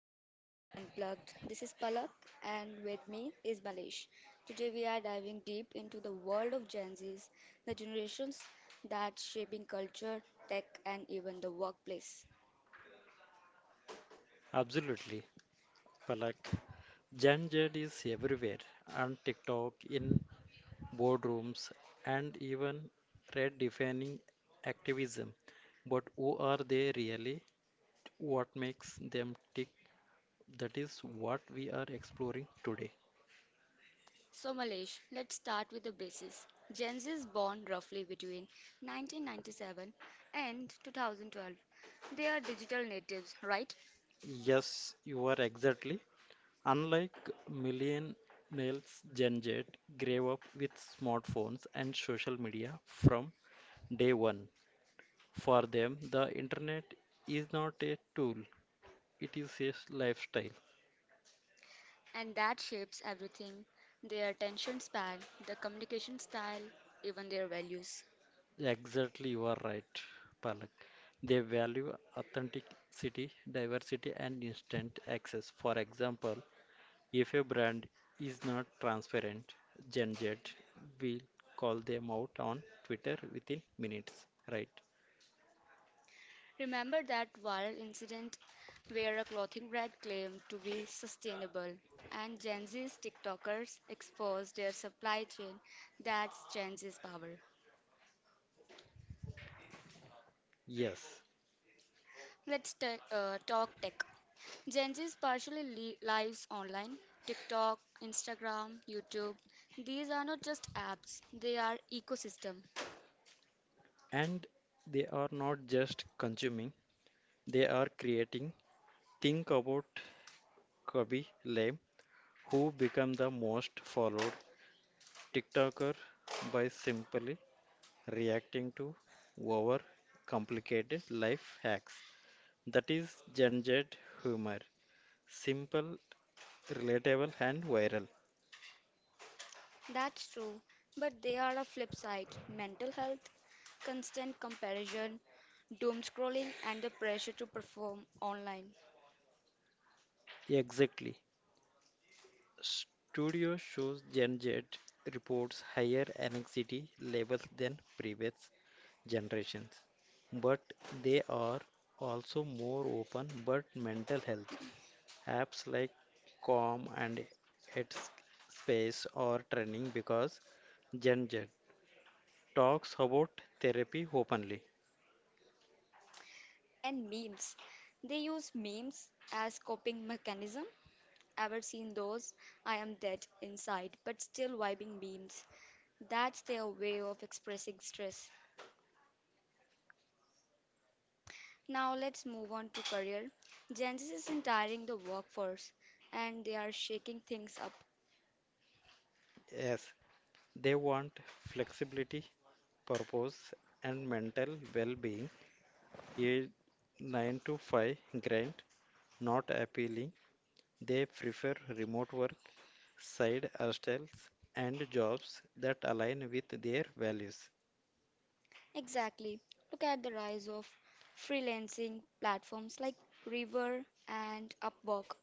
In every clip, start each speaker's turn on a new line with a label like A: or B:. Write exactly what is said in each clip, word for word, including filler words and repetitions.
A: to Gen Z's Unplugged. This is Palak and with me is Malesh. Today we are diving deep into the world of Gen Z's, the generations that shaping culture, tech and even the workplace.
B: Absolutely, Palak. Gen Z is everywhere, on TikTok, in boardrooms, and even redefining activism. But who are they really? What makes them tick? That is what we are exploring today.
A: So Malesh, let's start with the basis. Gen Z is born roughly between nineteen ninety-seven and twenty twelve. They are digital natives, right?
B: Yes, you are exactly. Unlike millennials, Gen Z grew up with smartphones and social media from day one. For them, the internet is not a tool, it is a lifestyle.
A: And that shapes everything, their attention span, their communication style, even their values.
B: Exactly, you are right, Palak. They value authenticity, diversity, and instant access. For example, if a brand is not transparent, Gen Z will call them out on Twitter within minutes, right?
A: Remember that viral incident where a clothing brand claimed to be sustainable and Gen Z's TikTokers exposed their supply chain? That's Gen Z's power.
B: Yes.
A: Let's ta- uh, talk tech. Gen Z's partially li- lives online. TikTok, Instagram, YouTube. These are not just apps, they are ecosystem.
B: And they are not just consuming, they are creating. Think about Kobe Lame, who became the most followed TikToker by simply reacting to over complicated life hacks. That is Gen Z humor. Simple, relatable, and viral.
A: That's true, but they are a flip side. Mental health, constant comparison, doom scrolling, and the pressure to perform online.
B: Exactly. Studio shows Gen Z reports higher anxiety levels than previous generations, but they are also more open but mental health. Apps like Calm and Headspace are trending because Gen Z talks about therapy openly.
A: And memes. They use memes as coping mechanism. Ever seen those? I am dead inside, but still vibing memes. That's their way of expressing stress. Now let's move on to career. Gen Z is entering the workforce and they are shaking things up.
B: Yes, they want flexibility, purpose, and mental well being. A nine to five grind, not appealing. They prefer remote work, side hustles, and jobs that align with their values.
A: Exactly. Look at the rise of freelancing platforms like Reverb and Upwork.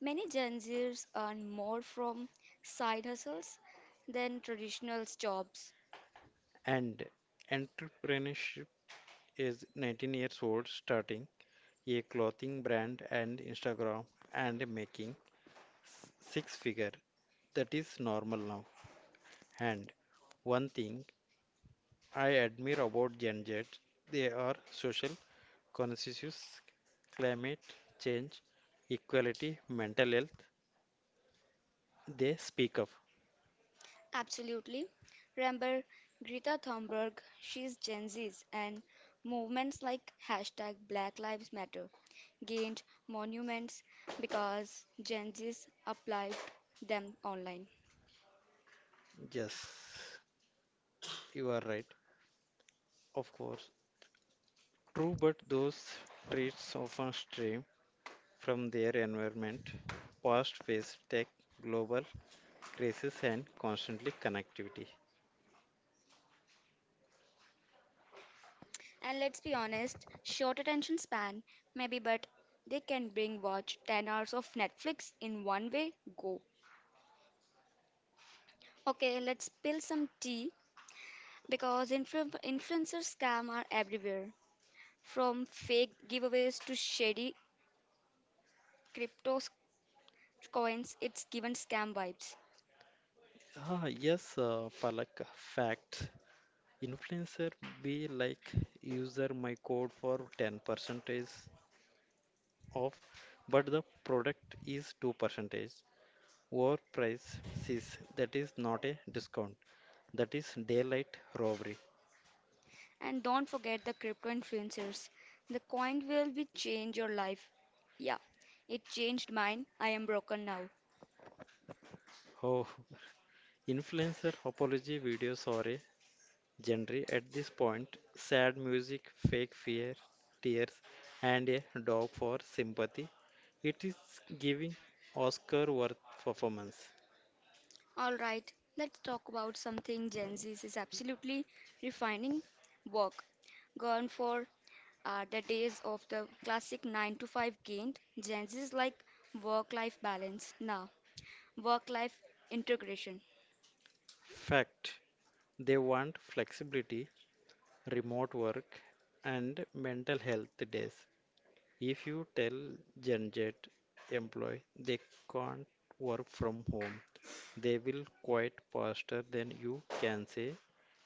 A: Many Gen Zers earn more from side hustles than traditional jobs.
B: And entrepreneurship is nineteen years old, starting a clothing brand and Instagram and making s- six figure. That is normal now. And one thing I admire about Gen Z, they are social conscious, climate change, equality, mental health. They speak up.
A: Absolutely. Remember Greta Thunberg, she's Gen Z's, and movements like hashtag Black Lives Matter gained monuments because Gen Z's applied them online.
B: Yes, you are right. Of course, true, but those traits often stream from their environment, past phase tech, global crisis, and constantly connectivity.
A: And let's be honest, short attention span, maybe, but they can bring watch ten hours of Netflix in one way go. Okay, let's spill some tea because influ- influencer scam are everywhere. From fake giveaways to shady crypto s- coins, it's given scam vibes.
B: Ah, yes, uh, Palak, fact. Influencer be like user my code for ten percent off, but the product is two percent over price says that is not a discount. That is daylight robbery.
A: And don't forget the crypto influencers. The coin will be change your life. Yeah, it changed mine. I am broken now.
B: Oh, influencer apology videos are a genre at this point, sad music, fake fear, tears, and a dog for sympathy. It is giving Oscar worth performance.
A: All right, let's talk about something Gen Z is absolutely refining work. Gone for are the days of the classic nine to five gained. Gen Z is like work life balance now, work life integration.
B: Fact, they want flexibility, remote work, and mental health days. If you tell Gen Z employee they can't work from home, they will quit faster than you can say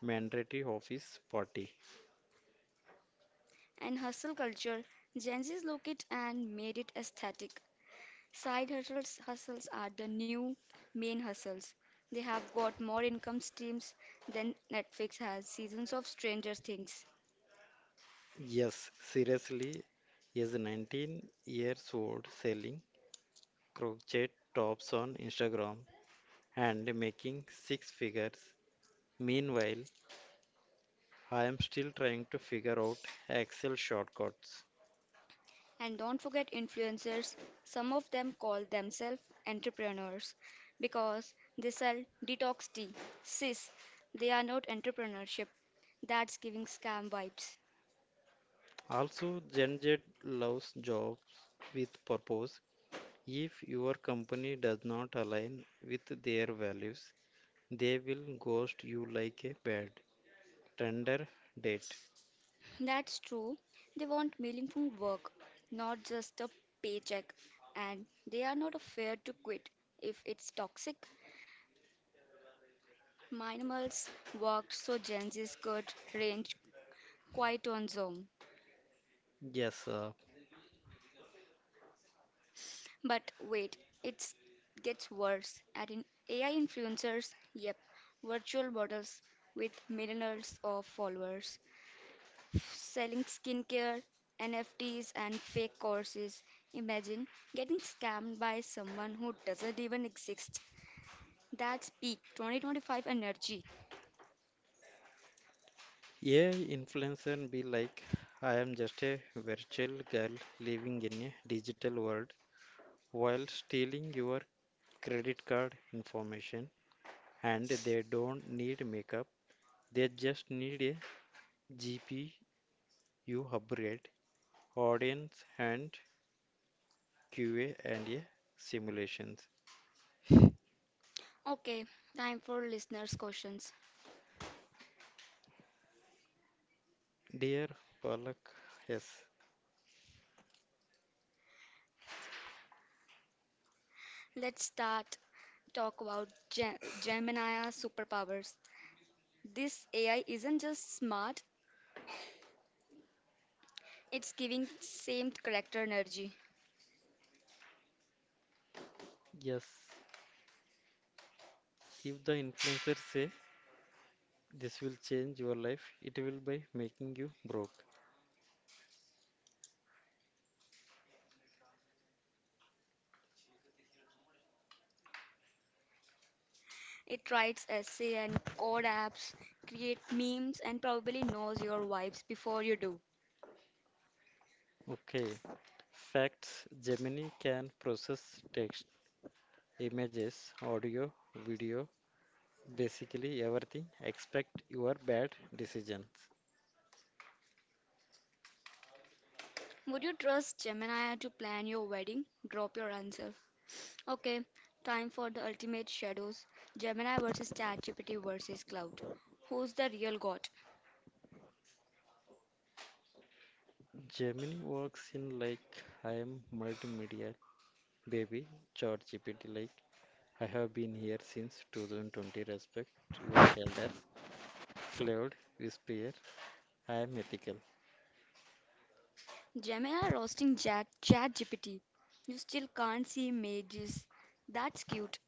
B: mandatory office party.
A: And hustle culture, Gen Z's look it and made it aesthetic. Side hustles, hustles are the new main hustles. They have got more income streams than Netflix has, seasons of Stranger Things.
B: Yes, seriously, is nineteen years old selling crochet tops on Instagram and making six figures. Meanwhile, I am still trying to figure out Excel shortcuts.
A: And don't forget influencers. Some of them call themselves entrepreneurs because they sell detox tea. Sis, they are not entrepreneurship. That's giving scam vibes.
B: Also, Gen Z loves jobs with purpose. If your company does not align with their values, they will ghost you like a bad tender date.
A: That's true. They want meaningful work, not just a paycheck. And they are not afraid to quit if it's toxic. Minimals worked so Gen Z's could range quite on Zoom.
B: Yes, sir.
A: But wait, it gets worse. At in A I influencers, yep, virtual models with millions of followers, selling skincare, N F Ts, and fake courses. Imagine getting scammed by someone who doesn't even exist. That's peak twenty twenty-five energy.
B: A I influencer be like, I am just a virtual girl living in a digital world while stealing your credit card information, and they don't need makeup. They just need a G P U upgrade, audience and Q A and a simulations.
A: Okay, time for listeners' questions.
B: Dear Palak, yes,
A: Let's start talk about Ge- Gemini superpowers. This A I isn't just smart, it's giving same character energy.
B: yes. If the influencer say this will change your life, it will by making you broke.
A: It writes essay and code apps, create memes, and probably knows your vibes before you do.
B: Okay. Facts, Gemini can process text, images, audio, video, basically everything except your bad decisions.
A: Would you trust Gemini to plan your wedding? Drop your answer. Okay, time for the ultimate shadows. Gemini versus ChatGPT versus Cloud. Who's the real god?
B: Gemini works in like I am multimedia baby. Chat G P T like I have been here since two thousand twenty, respect your elders. Cloud whisperer, I am ethical.
A: Gemini roasting Chat ChatGPT. You still can't see mages. That's cute.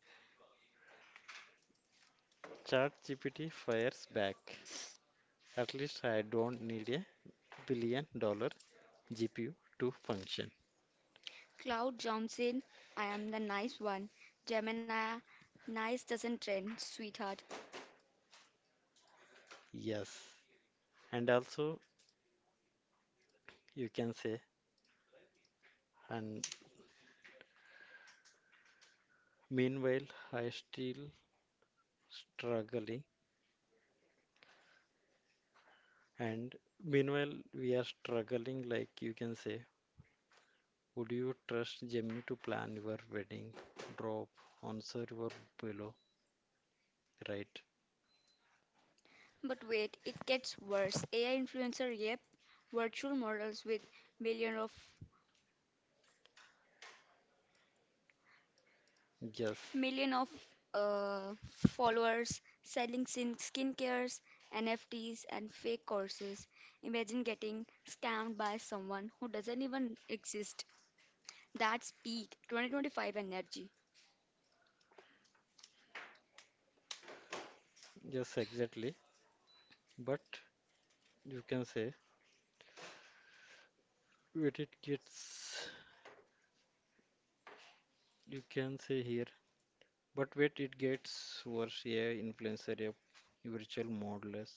B: G P T fires back, at least I don't need a billion dollar G P U to function.
A: Cloud jumps in. I am the nice one. Gemini, nice doesn't trend, sweetheart.
B: Yes, and also you can say, and meanwhile, I still struggling, and meanwhile, we are struggling. Like you can say, would you trust Gemini to plan your wedding? Drop answer your below, right?
A: But wait, it gets worse. A I influencer, yep. Virtual models with million of
B: Yes,
A: million of uh, followers selling skin skincares, N F Ts, and fake courses. Imagine getting scammed by someone who doesn't even exist. That's peak two thousand twenty-five energy.
B: yes, exactly. But you can say, wait, it gets, you can say here, but wait, it gets worse. Yeah, influencer, yeah, virtual modelers.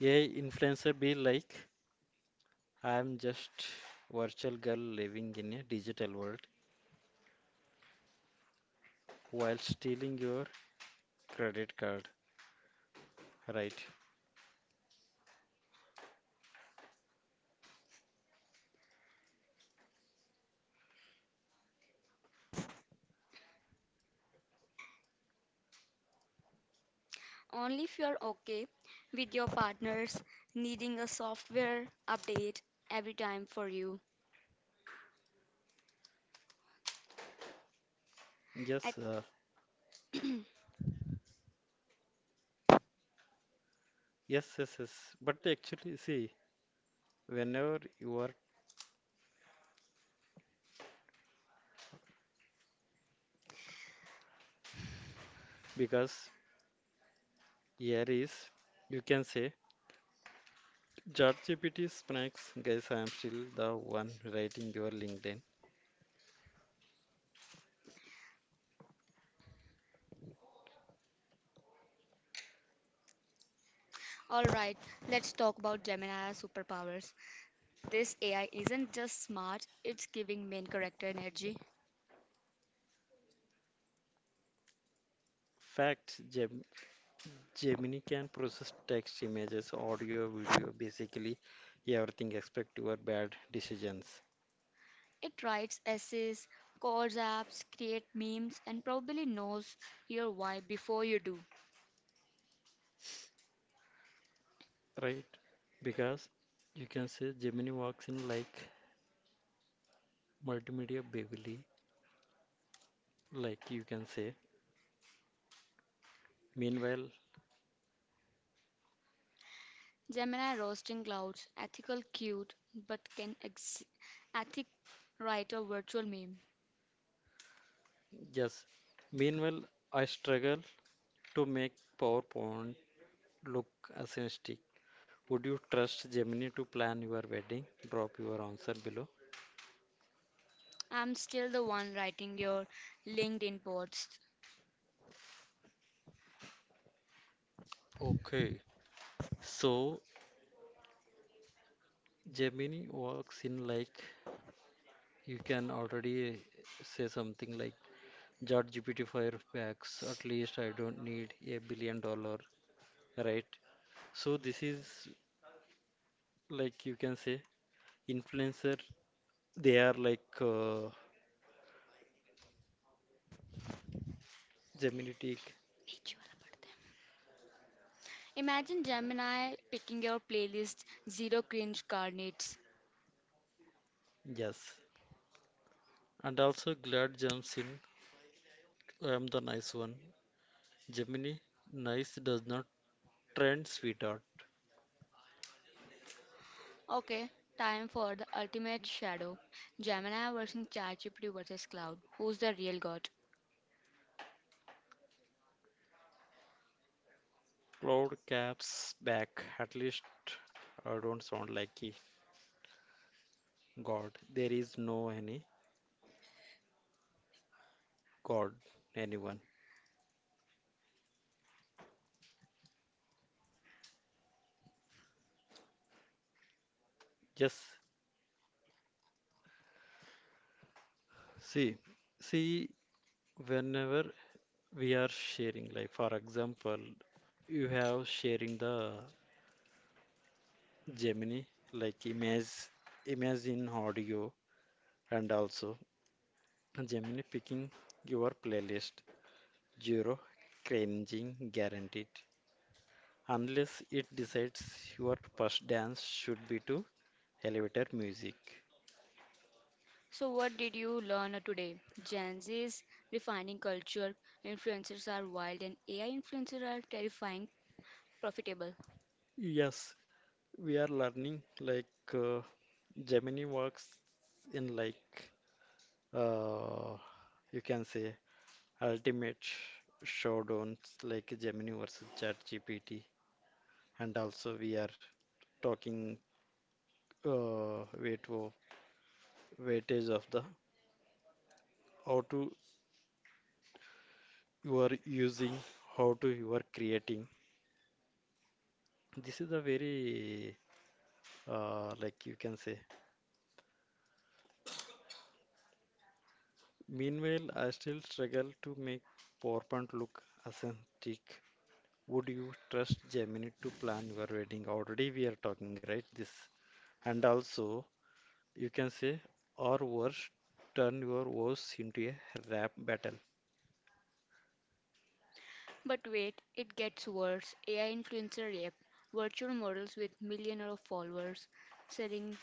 B: A I influencer be like, I'm just virtual girl living in a digital world while stealing your credit card, right?
A: Only if you're okay with your partners needing a software update every time for you. At,
B: Yes, uh, yes, yes, yes. But actually, see, whenever you are, because here is, you can say, ChatGPT smacks, guys, I am still the one writing your LinkedIn.
A: all right, let's talk about Gemini's superpowers. This A I isn't just smart, it's giving main character energy.
B: Fact, Gem Gemini can process text, images, audio, video, basically everything except your bad decisions.
A: It writes essays, codes apps, create memes, and probably knows your why before you do.
B: Right? Because you can say Gemini works in like multimedia Beverly, like you can say. Meanwhile,
A: Gemini roasting clouds, ethical cute, but can ex- ethic write a virtual meme.
B: yes, meanwhile, I struggle to make PowerPoint look aesthetic. Would you trust Gemini to plan your wedding? Drop your answer below.
A: I'm still the one writing your LinkedIn posts.
B: Okay, so Gemini works in like you can already say something like ChatGPT Firefox. At least I don't need a billion dollar, right? So this is like you can say influencer. They are like uh, Geminitic,
A: Imagine Gemini picking your playlist Zero Cringe Carnets.
B: yes. And also glad jumps in. I'm the nice one. Gemini, nice does not trend, sweetheart.
A: Okay, time for the ultimate shadow. Gemini versus ChatGPT versus Cloud. Who's the real god?
B: Cloud caps back. At least I don't sound like a god. There is no any god, anyone. Yes. See, see. Whenever we are sharing like for example you have sharing the gemini like image image in audio, and also gemini picking your playlist zero cringing guaranteed unless it decides your first dance should be to elevator music.
A: So, what did you learn today? Gen Z's refining culture, influencers are wild, and A I influencers are terrifying profitable.
B: Yes, we are learning like uh, gemini works in like uh, you can say ultimate sh- showdowns like Gemini versus ChatGPT, and also we are talking uh, weight wo- weightage of the how to you are using, how to you are creating. This is a very uh, like you can say. Meanwhile, I still struggle to make PowerPoint look authentic. Would you trust Gemini to plan your wedding? Already we are talking, right? This, and also you can say, or worse, turn your voice into a rap battle.
A: But wait, it gets worse. A I influencer rap, virtual models with millions of followers, selling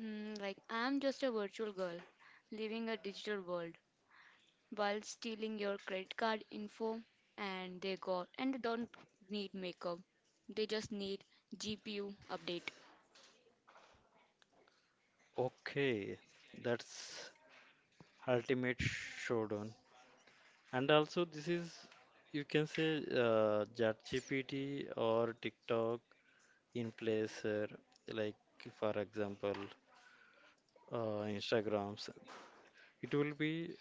A: mm, like I'm just a virtual girl, living a digital world, while stealing your credit card info, and they got and they don't need makeup, they just need G P U update.
B: Okay, that's ultimate showdown. And also, this is you can say uh, ChatGPT or TikTok in placer, like for example, uh, Instagrams. It will be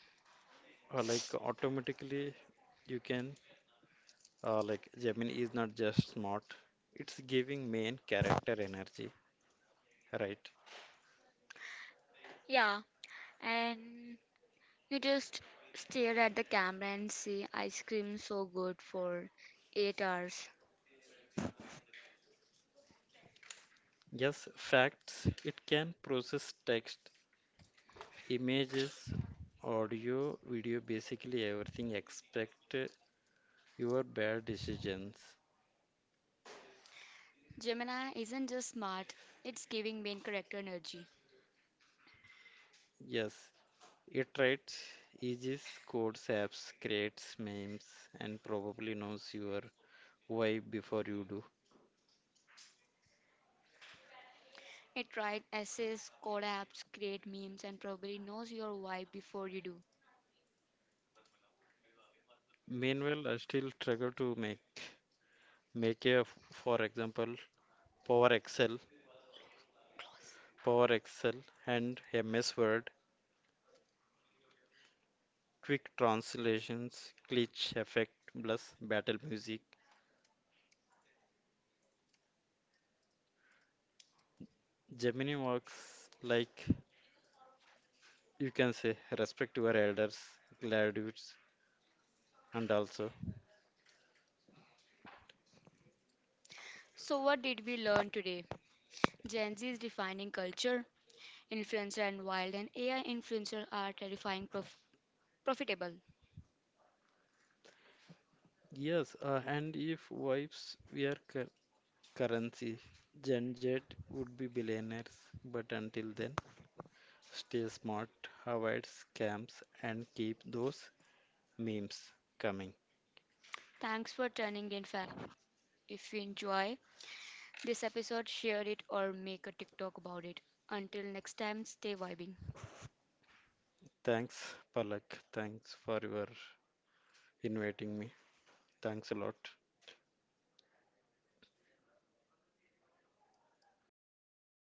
B: uh, like automatically you can uh, like Gemini is not just smart; it's giving main character energy, right?
A: Yeah, and you just stare at the camera and say, ice cream so good for eight hours.
B: Yes, facts. It can process text, images, audio, video, basically everything except your bad decisions.
A: Gemini isn't just smart, it's giving main character energy.
B: Yes, it writes E Gs, codes, apps, creates memes, and probably knows your why before you do.
A: It writes essays, code apps, create memes, and probably knows your vibe before you do.
B: Meanwhile, I still struggle to make make a, f- for example, Power Excel, Power Excel, and M S Word Quick translations, glitch effect plus battle music. Gemini works like you can say respect your elders, gladiators, and also
A: So, what did we learn today? Gen Z is defining culture, influencer and wild, and A I influencer are terrifying prof- profitable.
B: yes. Uh, and if wives were cur- currency, Gen Z would be billionaires. But until then, stay smart, avoid scams, and keep those memes coming.
A: Thanks for tuning in, fam. If you enjoy this episode, share it or make a TikTok about it. Until next time, stay vibing.
B: Thanks, Palak. Thanks for your inviting me. Thanks a lot.